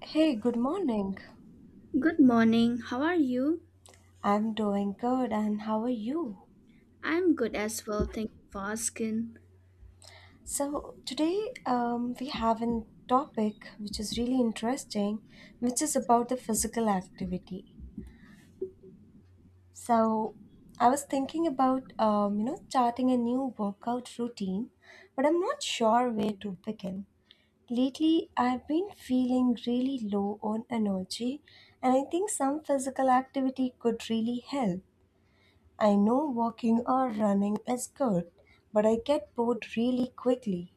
Hey, good morning. Good morning. How are you? I'm doing good, and how are you? I'm good as well. Thank you for asking. So, today we have a topic which is really interesting, which is about the physical activity. So, I was thinking about you know starting a new workout routine, but I'm not sure where to begin. Lately, I've been feeling really low on energy, and I think some physical activity could really help. I know walking or running is good, but I get bored really quickly.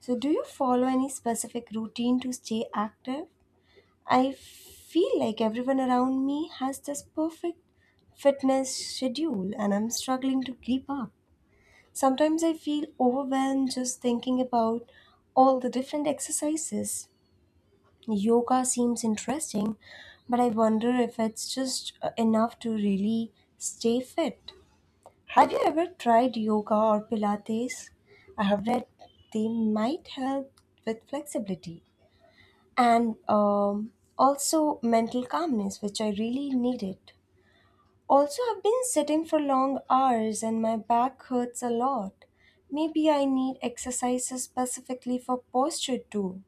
So, do you follow any specific routine to stay active? I feel like everyone around me has this perfect fitness schedule and I'm struggling to keep up. Sometimes I feel overwhelmed just thinking about all the different exercises. Yoga seems interesting, but I wonder if it's just enough to really stay fit. Have you ever tried yoga or Pilates? I have read they might help with flexibility and also mental calmness, which I really needed. Also, I've been sitting for long hours and my back hurts a lot. Maybe I need exercises specifically for posture too.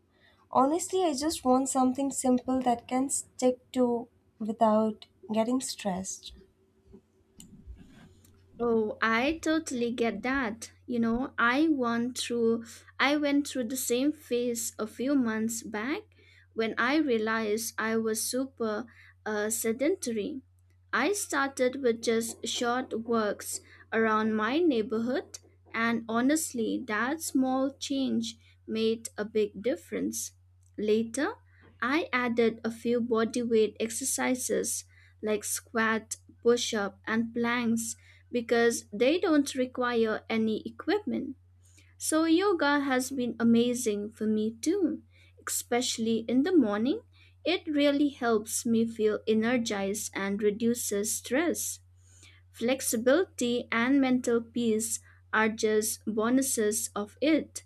Honestly, I just want something simple that can stick to without getting stressed. Oh, I totally get that. You know, I went through the same phase a few months back when I realized I was super sedentary. I started with just short walks around my neighborhood, and honestly, that small change made a big difference. Later, I added a few bodyweight exercises like squat, push up, and planks because they don't require any equipment. So, yoga has been amazing for me too, especially in the morning. It really helps me feel energized and reduces stress. Flexibility and mental peace are just bonuses of it.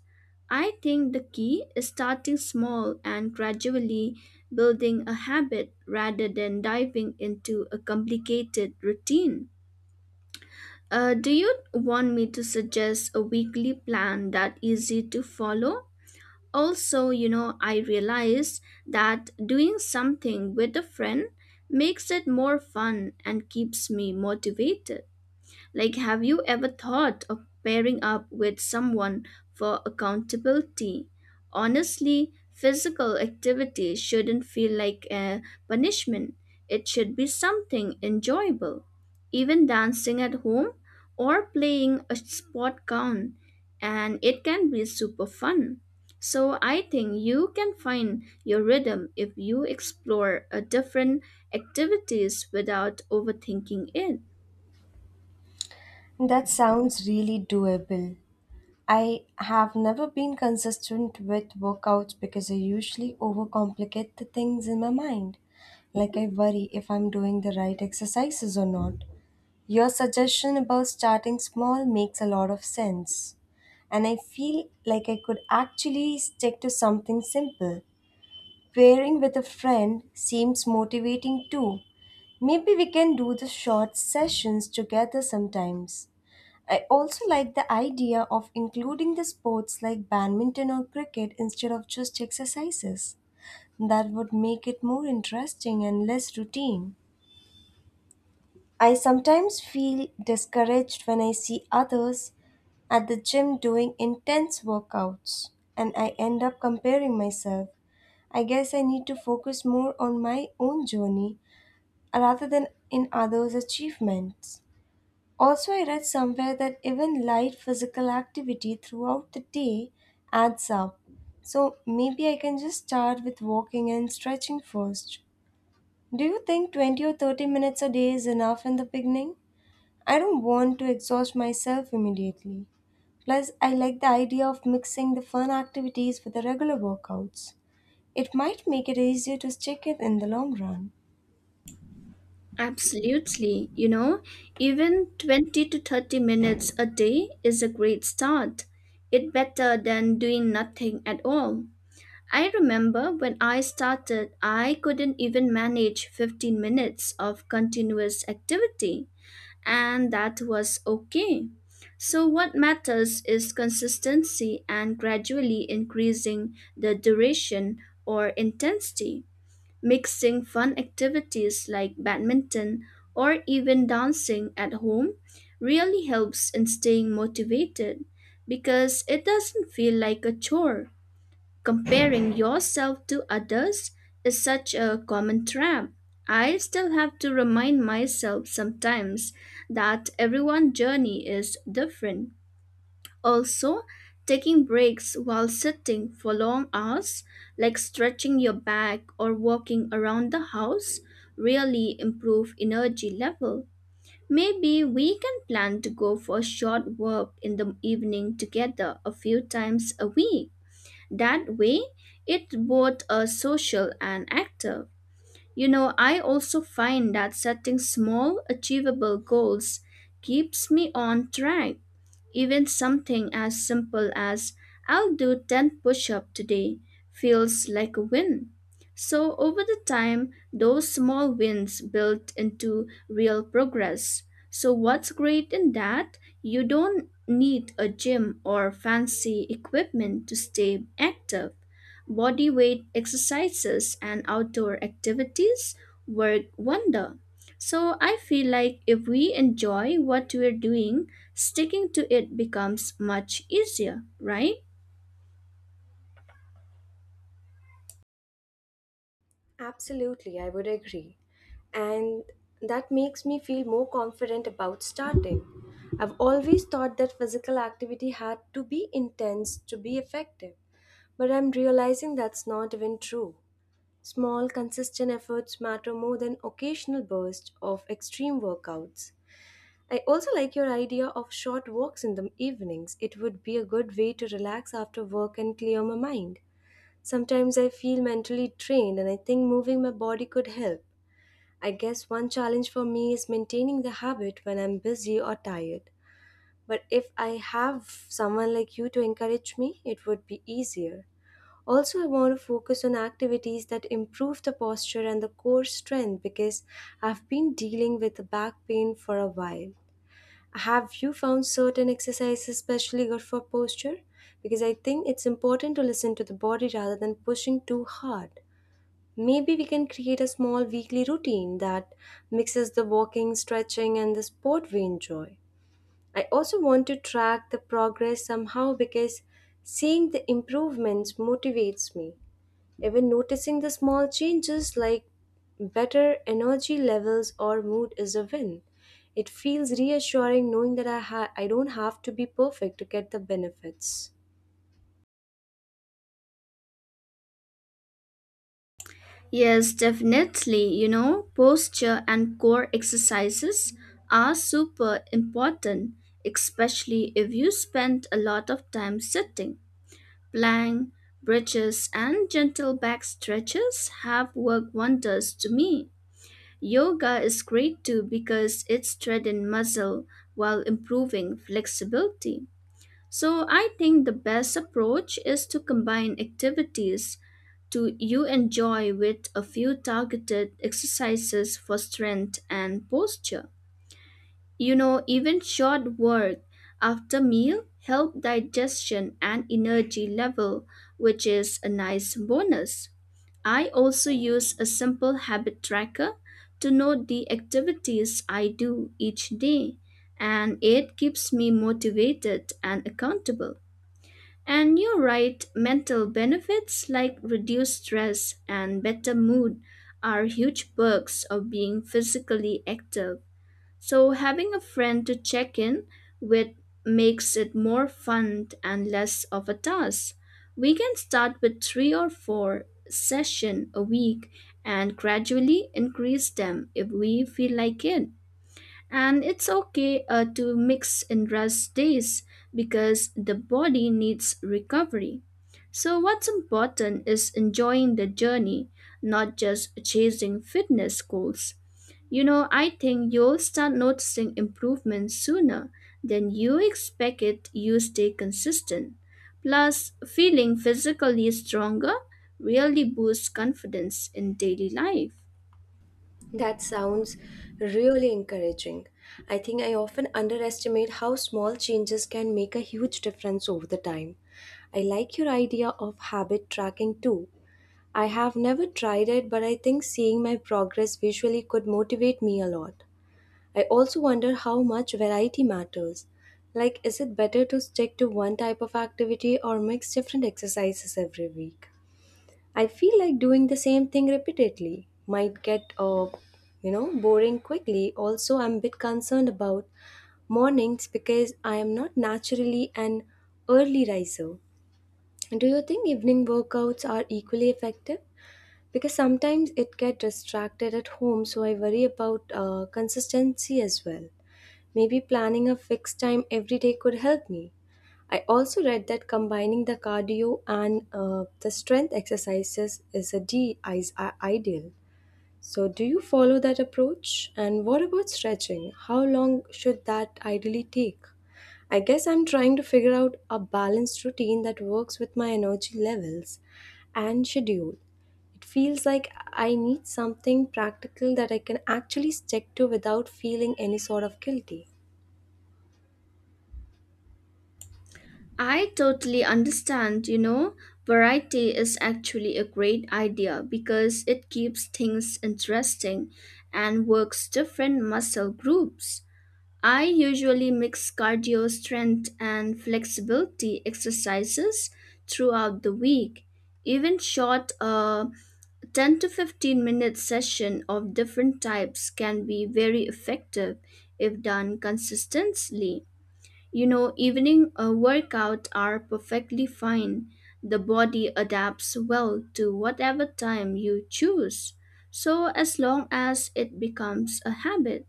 I think the key is starting small and gradually building a habit rather than diving into a complicated routine. Do you want me to suggest a weekly plan that easy to follow? Also, you know, I realized that doing something with a friend makes it more fun and keeps me motivated. Like, have you ever thought of pairing up with someone for accountability? Honestly, physical activity shouldn't feel like a punishment, it should be something enjoyable. Even dancing at home or playing a sport count, and it can be super fun. So, I think you can find your rhythm if you explore a different activities without overthinking it. That sounds really doable. I have never been consistent with workouts because I usually overcomplicate the things in my mind. Like I worry if I'm doing the right exercises or not. Your suggestion about starting small makes a lot of sense. And I feel like I could actually stick to something simple. Pairing with a friend seems motivating too. Maybe we can do the short sessions together sometimes. I also like the idea of including the sports like badminton or cricket instead of just exercises. That would make it more interesting and less routine. I sometimes feel discouraged when I see others at the gym doing intense workouts and I end up comparing myself. I guess I need to focus more on my own journey rather than in others' achievements. Also, I read somewhere that even light physical activity throughout the day adds up. So maybe I can just start with walking and stretching first. Do you think 20 or 30 minutes a day is enough in the beginning? I don't want to exhaust myself immediately. Plus, I like the idea of mixing the fun activities with the regular workouts. It might make it easier to stick it in the long run. Absolutely. You know, even 20 to 30 minutes a day is a great start. It's better than doing nothing at all. I remember when I started, I couldn't even manage 15 minutes of continuous activity, and that was okay. So, what matters is consistency and gradually increasing the duration or intensity. Mixing fun activities like badminton or even dancing at home really helps in staying motivated because it doesn't feel like a chore. Comparing yourself to others is such a common trap. I still have to remind myself sometimes that everyone's journey is different. Also, taking breaks while sitting for long hours, like stretching your back or walking around the house, really improve energy level. Maybe we can plan to go for a short walk in the evening together a few times a week. That way, it's both a social and active. You know, I also find that setting small, achievable goals keeps me on track, even something as simple as I'll do 10 push ups today feels like a win. So, over the time, those small wins built into real progress. So, what's great in that? You don't need a gym or fancy equipment to stay active. Body weight exercises and outdoor activities work wonder. So I feel like if we enjoy what we're doing, sticking to it becomes much easier, right? Absolutely, I would agree. And that makes me feel more confident about starting. I've always thought that physical activity had to be intense to be effective, but I'm realizing that's not even true. Small, consistent efforts matter more than occasional bursts of extreme workouts. I also like your idea of short walks in the evenings. It would be a good way to relax after work and clear my mind. Sometimes I feel mentally drained and I think moving my body could help. I guess one challenge for me is maintaining the habit when I'm busy or tired. But if I have someone like you to encourage me, it would be easier. Also, I want to focus on activities that improve the posture and the core strength because I've been dealing with back pain for a while. Have you found certain exercises especially good for posture? Because I think it's important to listen to the body rather than pushing too hard. Maybe we can create a small weekly routine that mixes the walking, stretching, and the sport we enjoy. I also want to track the progress somehow because seeing the improvements motivates me. Even noticing the small changes like better energy levels or mood is a win. It feels reassuring knowing that I don't have to be perfect to get the benefits. Yes, definitely. You know, posture and core exercises are super important, especially if you spend a lot of time sitting. Plank, bridges, and gentle back stretches have worked wonders to me. Yoga is great too because it strengthens muscle while improving flexibility. So I think the best approach is to combine activities to you enjoy with a few targeted exercises for strength and posture. You know, even short work after meal help digestion and energy level, which is a nice bonus. I also use a simple habit tracker to note the activities I do each day, and it keeps me motivated and accountable. And you're right, mental benefits like reduced stress and better mood are huge perks of being physically active. So, having a friend to check in with makes it more fun and less of a task. We can start with three or four sessions a week and gradually increase them if we feel like it. And it's okay to mix and rest days because the body needs recovery. So, what's important is enjoying the journey, not just chasing fitness goals. You know, I think you'll start noticing improvements sooner than you expect it you stay consistent. Plus, feeling physically stronger really boosts confidence in daily life. That sounds really encouraging. I think I often underestimate how small changes can make a huge difference over the time. I like your idea of habit tracking too. I have never tried it, but I think seeing my progress visually could motivate me a lot. I also wonder how much variety matters. Like, is it better to stick to one type of activity or mix different exercises every week? I feel like doing the same thing repeatedly might boring quickly. Also, I'm a bit concerned about mornings because I am not naturally an early riser. Do you think evening workouts are equally effective? Because sometimes it get distracted at home, so I worry about consistency as well. Maybe planning a fixed time every day could help me. I also read that combining the cardio and the strength exercises is ideal. So, do you follow that approach? And what about stretching? How long should that ideally take? I guess I'm trying to figure out a balanced routine that works with my energy levels and schedule. It feels like I need something practical that I can actually stick to without feeling any sort of guilty. I totally understand, you know, variety is actually a great idea because it keeps things interesting and works different muscle groups. I usually mix cardio strength and flexibility exercises throughout the week. Even short 10 to 15 minute session of different types can be very effective if done consistently. You know, evening workouts are perfectly fine. The body adapts well to whatever time you choose. So, as long as it becomes a habit,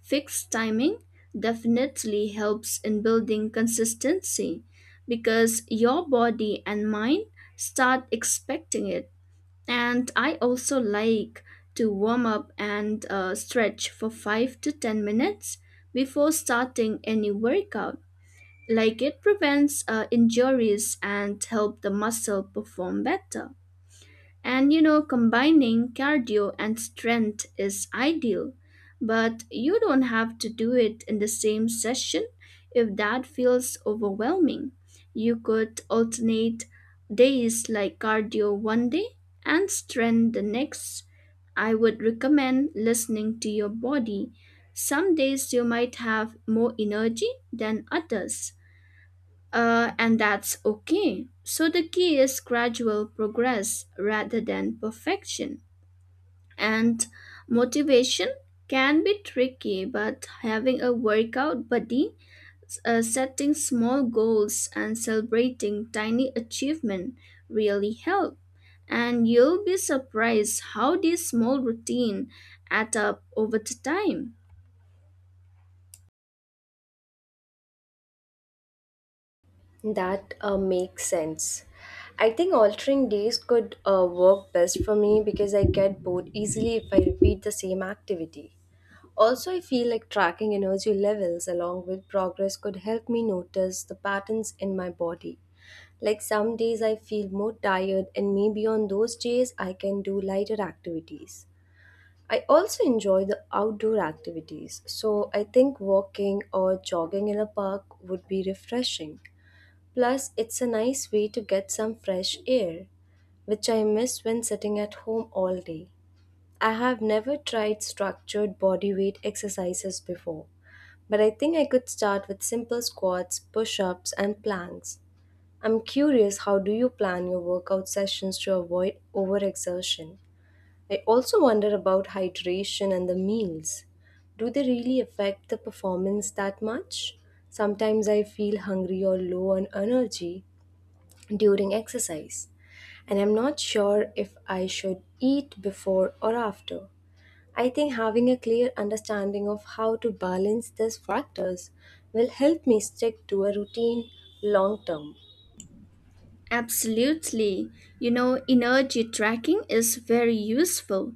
fixed timing definitely helps in building consistency because your body and mind start expecting it. And I also like to warm up and stretch for 5 to 10 minutes before starting any workout, like it prevents injuries and help the muscle perform better. And you know, combining cardio and strength is ideal, but you don't have to do it in the same session if that feels overwhelming. You could alternate days like cardio one day and strength the next. I would recommend listening to your body. Some days you might have more energy than others, and that's okay. So the key is gradual progress rather than perfection. And motivation can be tricky, but having a workout buddy, setting small goals, and celebrating tiny achievement really help. And you'll be surprised how this small routine add up over the time. That makes sense. I think altering days could work best for me because I get bored easily if I repeat the same activity. Also, I feel like tracking energy levels along with progress could help me notice the patterns in my body. Like some days I feel more tired, and maybe on those days I can do lighter activities. I also enjoy the outdoor activities, so I think walking or jogging in a park would be refreshing. Plus, it's a nice way to get some fresh air, which I miss when sitting at home all day. I have never tried structured body weight exercises before, but I think I could start with simple squats, push ups, and planks. I'm curious how do you plan your workout sessions to avoid overexertion? I also wonder about hydration and the meals. Do they really affect the performance that much? Sometimes I feel hungry or low on energy during exercise, and I'm not sure if I should eat before or after. I think having a clear understanding of how to balance these factors will help me stick to a routine long term. Absolutely. You know, energy tracking is very useful.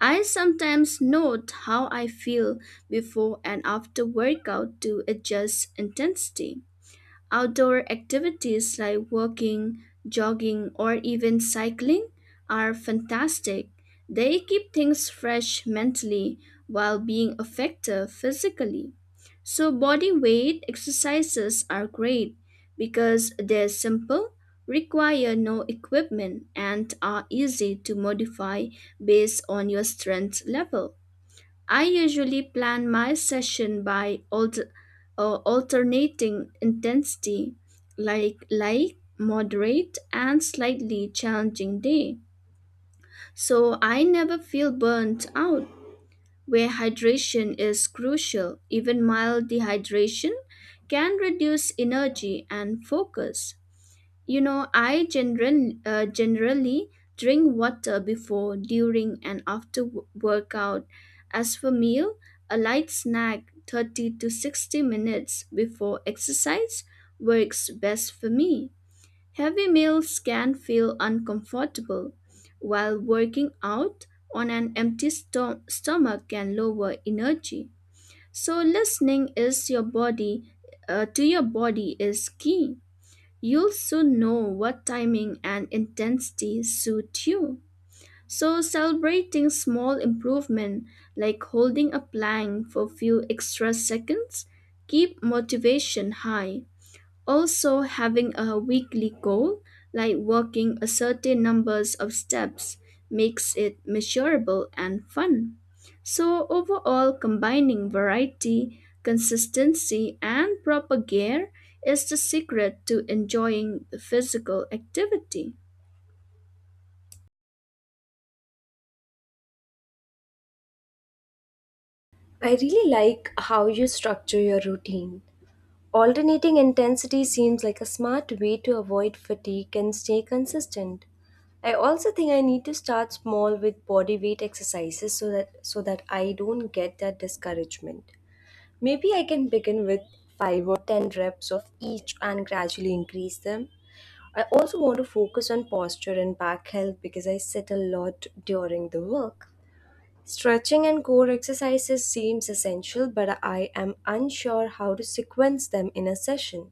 I sometimes note how I feel before and after workout to adjust intensity. Outdoor activities like walking, jogging, or even cycling are fantastic. They keep things fresh mentally while being effective physically. So, body weight exercises are great because they're simple, require no equipment, and are easy to modify based on your strength level. I usually plan my session by alternating intensity like light moderate and slightly challenging day, so I never feel burnt out. Where hydration is crucial, even mild dehydration can reduce energy and focus. You know, I generally drink water before, during, and after workout. As for meal, a light snack 30 to 60 minutes before exercise works best for me. Heavy meals can feel uncomfortable, while working out on an empty stomach can lower energy. So listening is your body to your body is key. You'll soon know what timing and intensity suit you. So celebrating small improvement like holding a plank for a few extra seconds keep motivation high. Also, having a weekly goal, like walking a certain numbers of steps, makes it measurable and fun. So, overall, combining variety, consistency, and proper gear is the secret to enjoying the physical activity. I really like how you structure your routine. Alternating intensity seems like a smart way to avoid fatigue and stay consistent. I also think I need to start small with body weight exercises so that I don't get that discouragement. Maybe I can begin with 5 or 10 reps of each and gradually increase them. I also want to focus on posture and back health because I sit a lot during the work. Stretching and core exercises seems essential, but I am unsure how to sequence them in a session.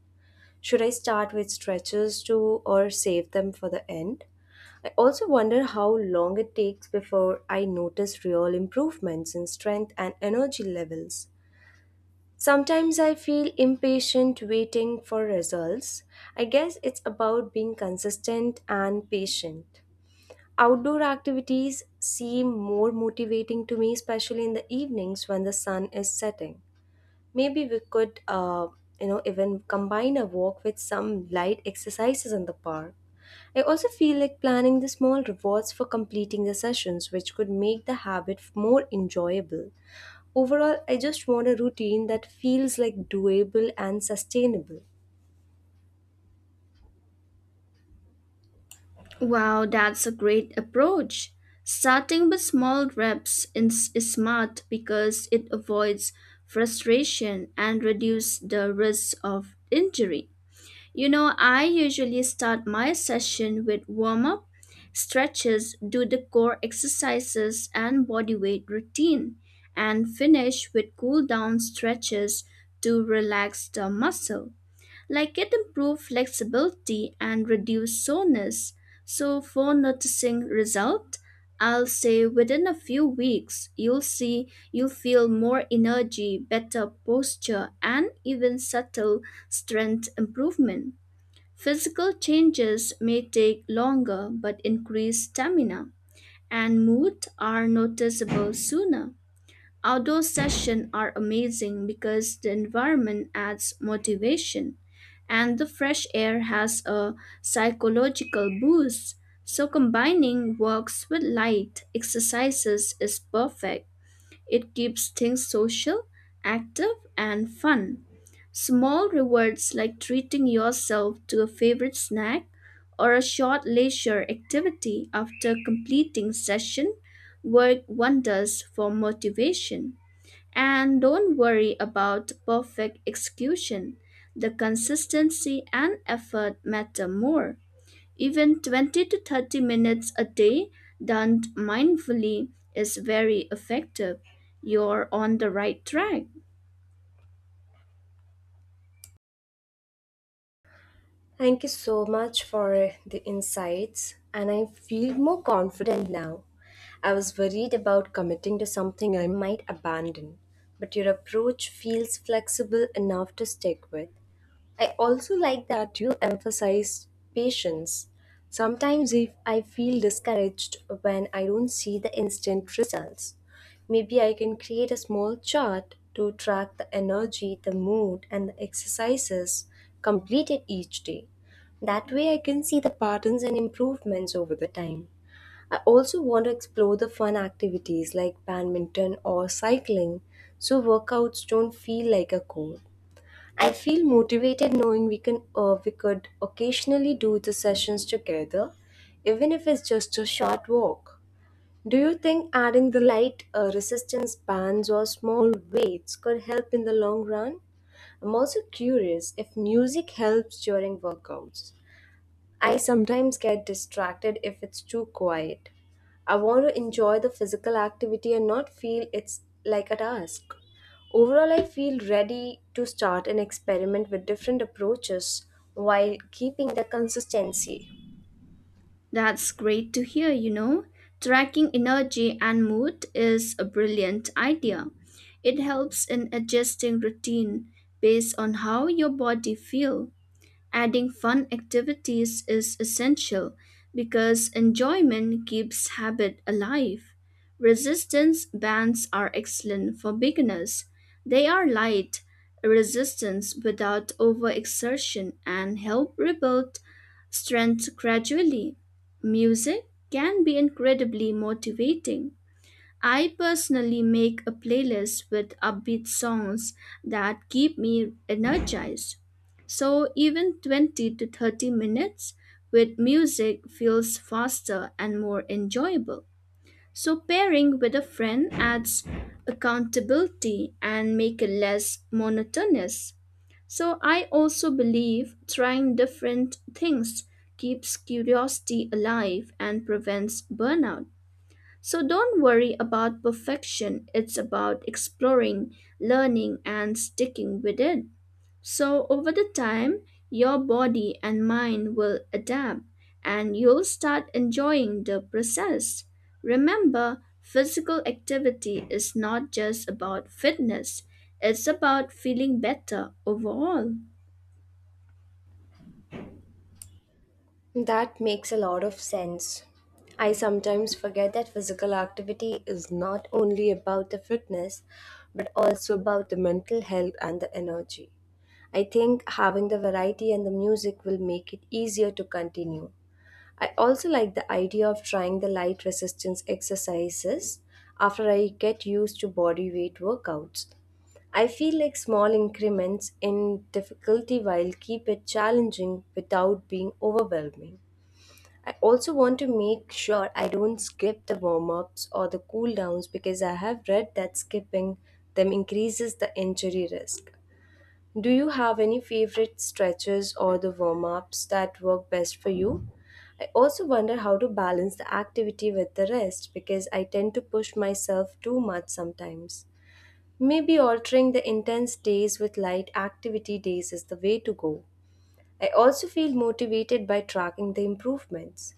Should I start with stretches too or save them for the end? I also wonder how long it takes before I notice real improvements in strength and energy levels. Sometimes I feel impatient waiting for results. I guess it's about being consistent and patient. Outdoor activities seem more motivating to me, especially in the evenings when the sun is setting. Maybe we could even combine a walk with some light exercises in the park. I also feel like planning the small rewards for completing the sessions, which could make the habit more enjoyable. Overall, I just want a routine that feels like doable and sustainable. Wow, that's a great approach. Starting with small reps is smart because it avoids frustration and reduces the risk of injury. You know, I usually start my session with warm up, stretches, do the core exercises and body weight routine, and finish with cool down stretches to relax the muscle. Like it improves flexibility and reduce soreness. So, for noticing result, I'll say within a few weeks, you'll feel more energy, better posture, and even subtle strength improvement. Physical changes may take longer, but increased stamina and mood are noticeable sooner. Outdoor sessions are amazing because the environment adds motivation and the fresh air has a psychological boost. So combining walks with light exercises is perfect. It keeps things social, active, and fun. Small rewards like treating yourself to a favorite snack or a short leisure activity after completing session work wonders for motivation. And don't worry about perfect execution. The consistency and effort matter more. Even 20 to 30 minutes a day done mindfully is very effective. You're on the right track. Thank you so much for the insights, and I feel more confident now. I was worried about committing to something I might abandon, but your approach feels flexible enough to stick with. I also like that you emphasize patience. Sometimes if I feel discouraged when I don't see the instant results, maybe I can create a small chart to track the energy, the mood and the exercises completed each day. That way I can see the patterns and improvements over the time. I also want to explore the fun activities like badminton or cycling so workouts don't feel like a chore. I feel motivated knowing we could occasionally do the sessions together, even if it's just a short walk. Do you think adding the light resistance bands or small weights could help in the long run? I'm also curious if music helps during workouts. I sometimes get distracted if it's too quiet. I want to enjoy the physical activity and not feel it's like a task. Overall, I feel ready to start an experiment with different approaches while keeping the consistency. That's great to hear, you know. Tracking energy and mood is a brilliant idea. It helps in adjusting routine based on how your body feels. Adding fun activities is essential because enjoyment keeps habit alive. Resistance bands are excellent for beginners. They are light, resistance without overexertion, and help rebuild strength gradually. Music can be incredibly motivating. I personally make a playlist with upbeat songs that keep me energized. So even 20 to 30 minutes with music feels faster and more enjoyable. So pairing with a friend adds accountability and make it less monotonous. So I also believe trying different things keeps curiosity alive and prevents burnout. So don't worry about perfection. It's about exploring, learning, and sticking with it. So over the time, your body and mind will adapt and you'll start enjoying the process. Remember, physical activity is not just about fitness, it's about feeling better overall. That makes a lot of sense. I sometimes forget that physical activity is not only about the fitness, but also about the mental health and the energy. I think having the variety and the music will make it easier to continue. I also like the idea of trying the light resistance exercises after I get used to body weight workouts. I feel like small increments in difficulty will keep it challenging without being overwhelming. I also want to make sure I don't skip the warm ups or the cool downs because I have read that skipping them increases the injury risk. Do you have any favorite stretches or the warm ups that work best for you? I also wonder how to balance the activity with the rest because I tend to push myself too much sometimes. Maybe altering the intense days with light activity days is the way to go. I also feel motivated by tracking the improvements.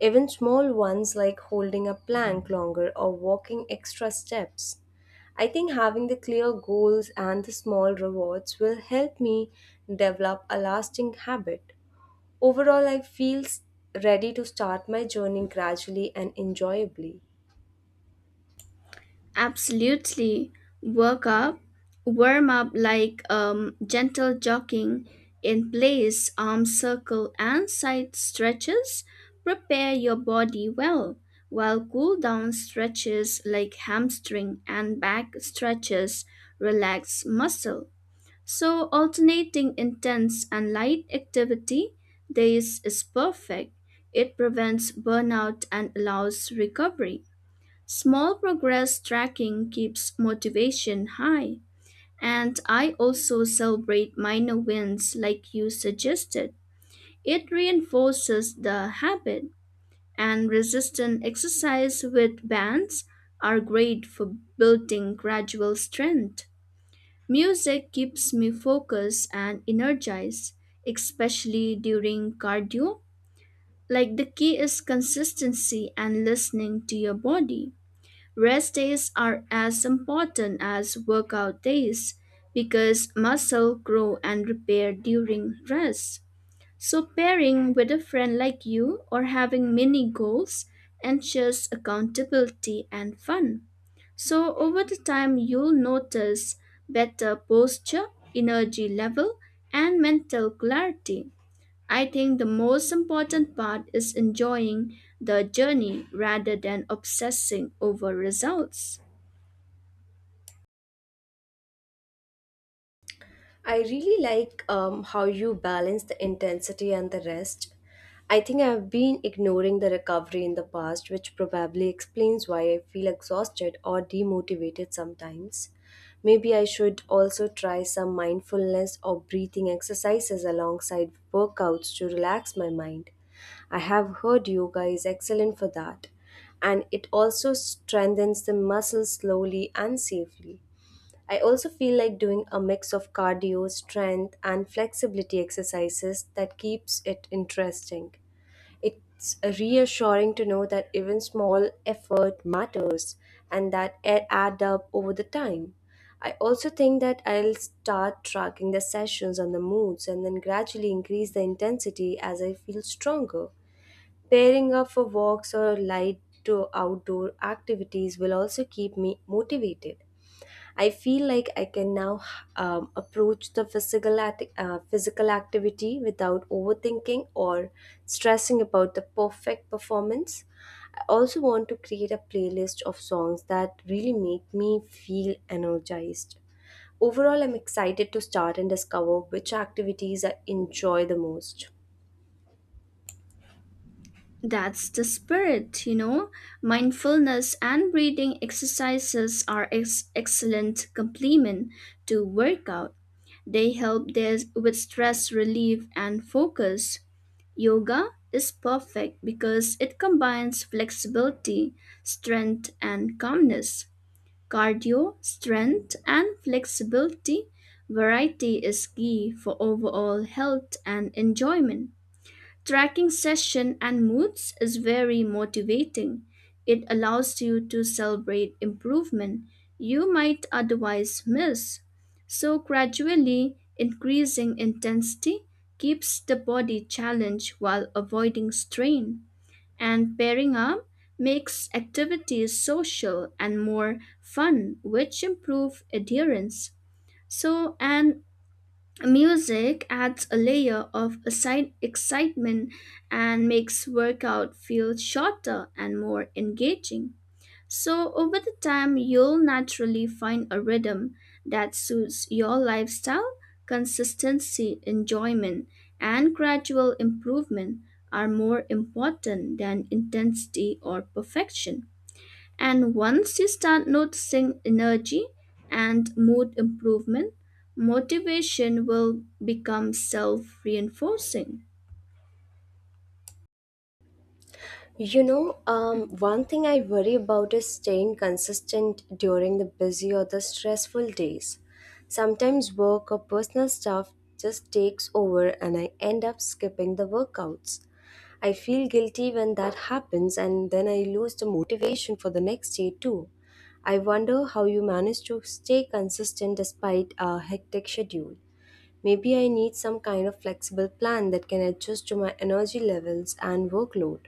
Even small ones like holding a plank longer or walking extra steps. I think having the clear goals and the small rewards will help me develop a lasting habit. Overall, ready to start my journey gradually and enjoyably. Absolutely. Work up, warm up like gentle jogging in place, arm circle and side stretches. Prepare your body well, while cool down stretches like hamstring and back stretches relax muscle. So alternating intense and light activity days is perfect. It prevents burnout and allows recovery. Small progress tracking keeps motivation high, and I also celebrate minor wins like you suggested. It reinforces the habit, and resistance exercise with bands are great for building gradual strength. Music keeps me focused and energized, especially during cardio. Like the key is consistency and listening to your body. Rest days are as important as workout days because muscle grow and repair during rest. So pairing with a friend like you or having mini goals ensures accountability and fun. So over the time you'll notice better posture, energy level and mental clarity. I think the most important part is enjoying the journey rather than obsessing over results. I really like how you balance the intensity and the rest. I think I've been ignoring the recovery in the past, which probably explains why I feel exhausted or demotivated sometimes. Maybe I should also try some mindfulness or breathing exercises alongside workouts to relax my mind. I have heard yoga is excellent for that, and it also strengthens the muscles slowly and safely. I also feel like doing a mix of cardio, strength, and flexibility exercises that keeps it interesting. It's reassuring to know that even small effort matters and that it add up over the time. I also think that I'll start tracking the sessions on the moods and then gradually increase the intensity as I feel stronger. Pairing up for walks or light to outdoor activities will also keep me motivated. I feel like I can now approach the physical activity without overthinking or stressing about the perfect performance. I also want to create a playlist of songs that really make me feel energized. Overall, I'm excited to start and discover which activities I enjoy the most. That's the spirit, you know. Mindfulness and breathing exercises are excellent complement to workout. They help there with stress relief and focus. Yoga is perfect because it combines flexibility, strength, and calmness. Cardio, strength, and flexibility, variety is key for overall health and enjoyment. Tracking session and moods is very motivating. It allows you to celebrate improvement you might otherwise miss. So, gradually increasing intensity keeps the body challenged while avoiding strain, and pairing up makes activities social and more fun, which improve adherence. So, and music adds a layer of aside excitement and makes workout feel shorter and more engaging. So, over the time, you'll naturally find a rhythm that suits your lifestyle. Consistency, enjoyment, and gradual improvement are more important than intensity or perfection. And once you start noticing energy and mood improvement, motivation will become self reinforcing. You know, one thing I worry about is staying consistent during the busy or the stressful days. Sometimes work or personal stuff just takes over and I end up skipping the workouts. I feel guilty when that happens and then I lose the motivation for the next day too. I wonder how you manage to stay consistent despite a hectic schedule. Maybe I need some kind of flexible plan that can adjust to my energy levels and workload.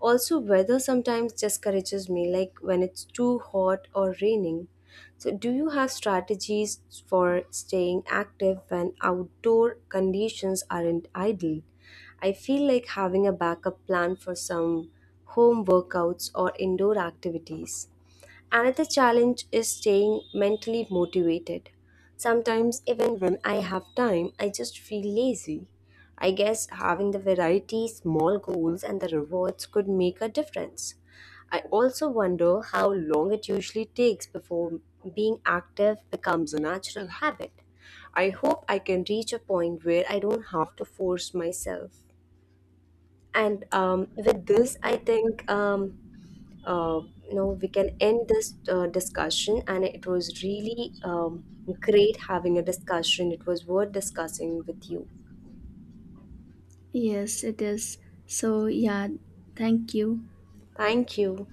Also, weather sometimes discourages me, like when it's too hot or raining. So, do you have strategies for staying active when outdoor conditions aren't ideal? I feel like having a backup plan for some home workouts or indoor activities. Another challenge is staying mentally motivated. Sometimes, even when I have time, I just feel lazy. I guess having the variety, small goals, and the rewards could make a difference. I also wonder how long it usually takes before being active becomes a natural habit. I hope I can reach a point where I don't have to force myself. And with this, I think uh, you know we can end this discussion. And it was really great having a discussion. It was worth discussing with you. Yes, it is. So, yeah, thank you. Thank you.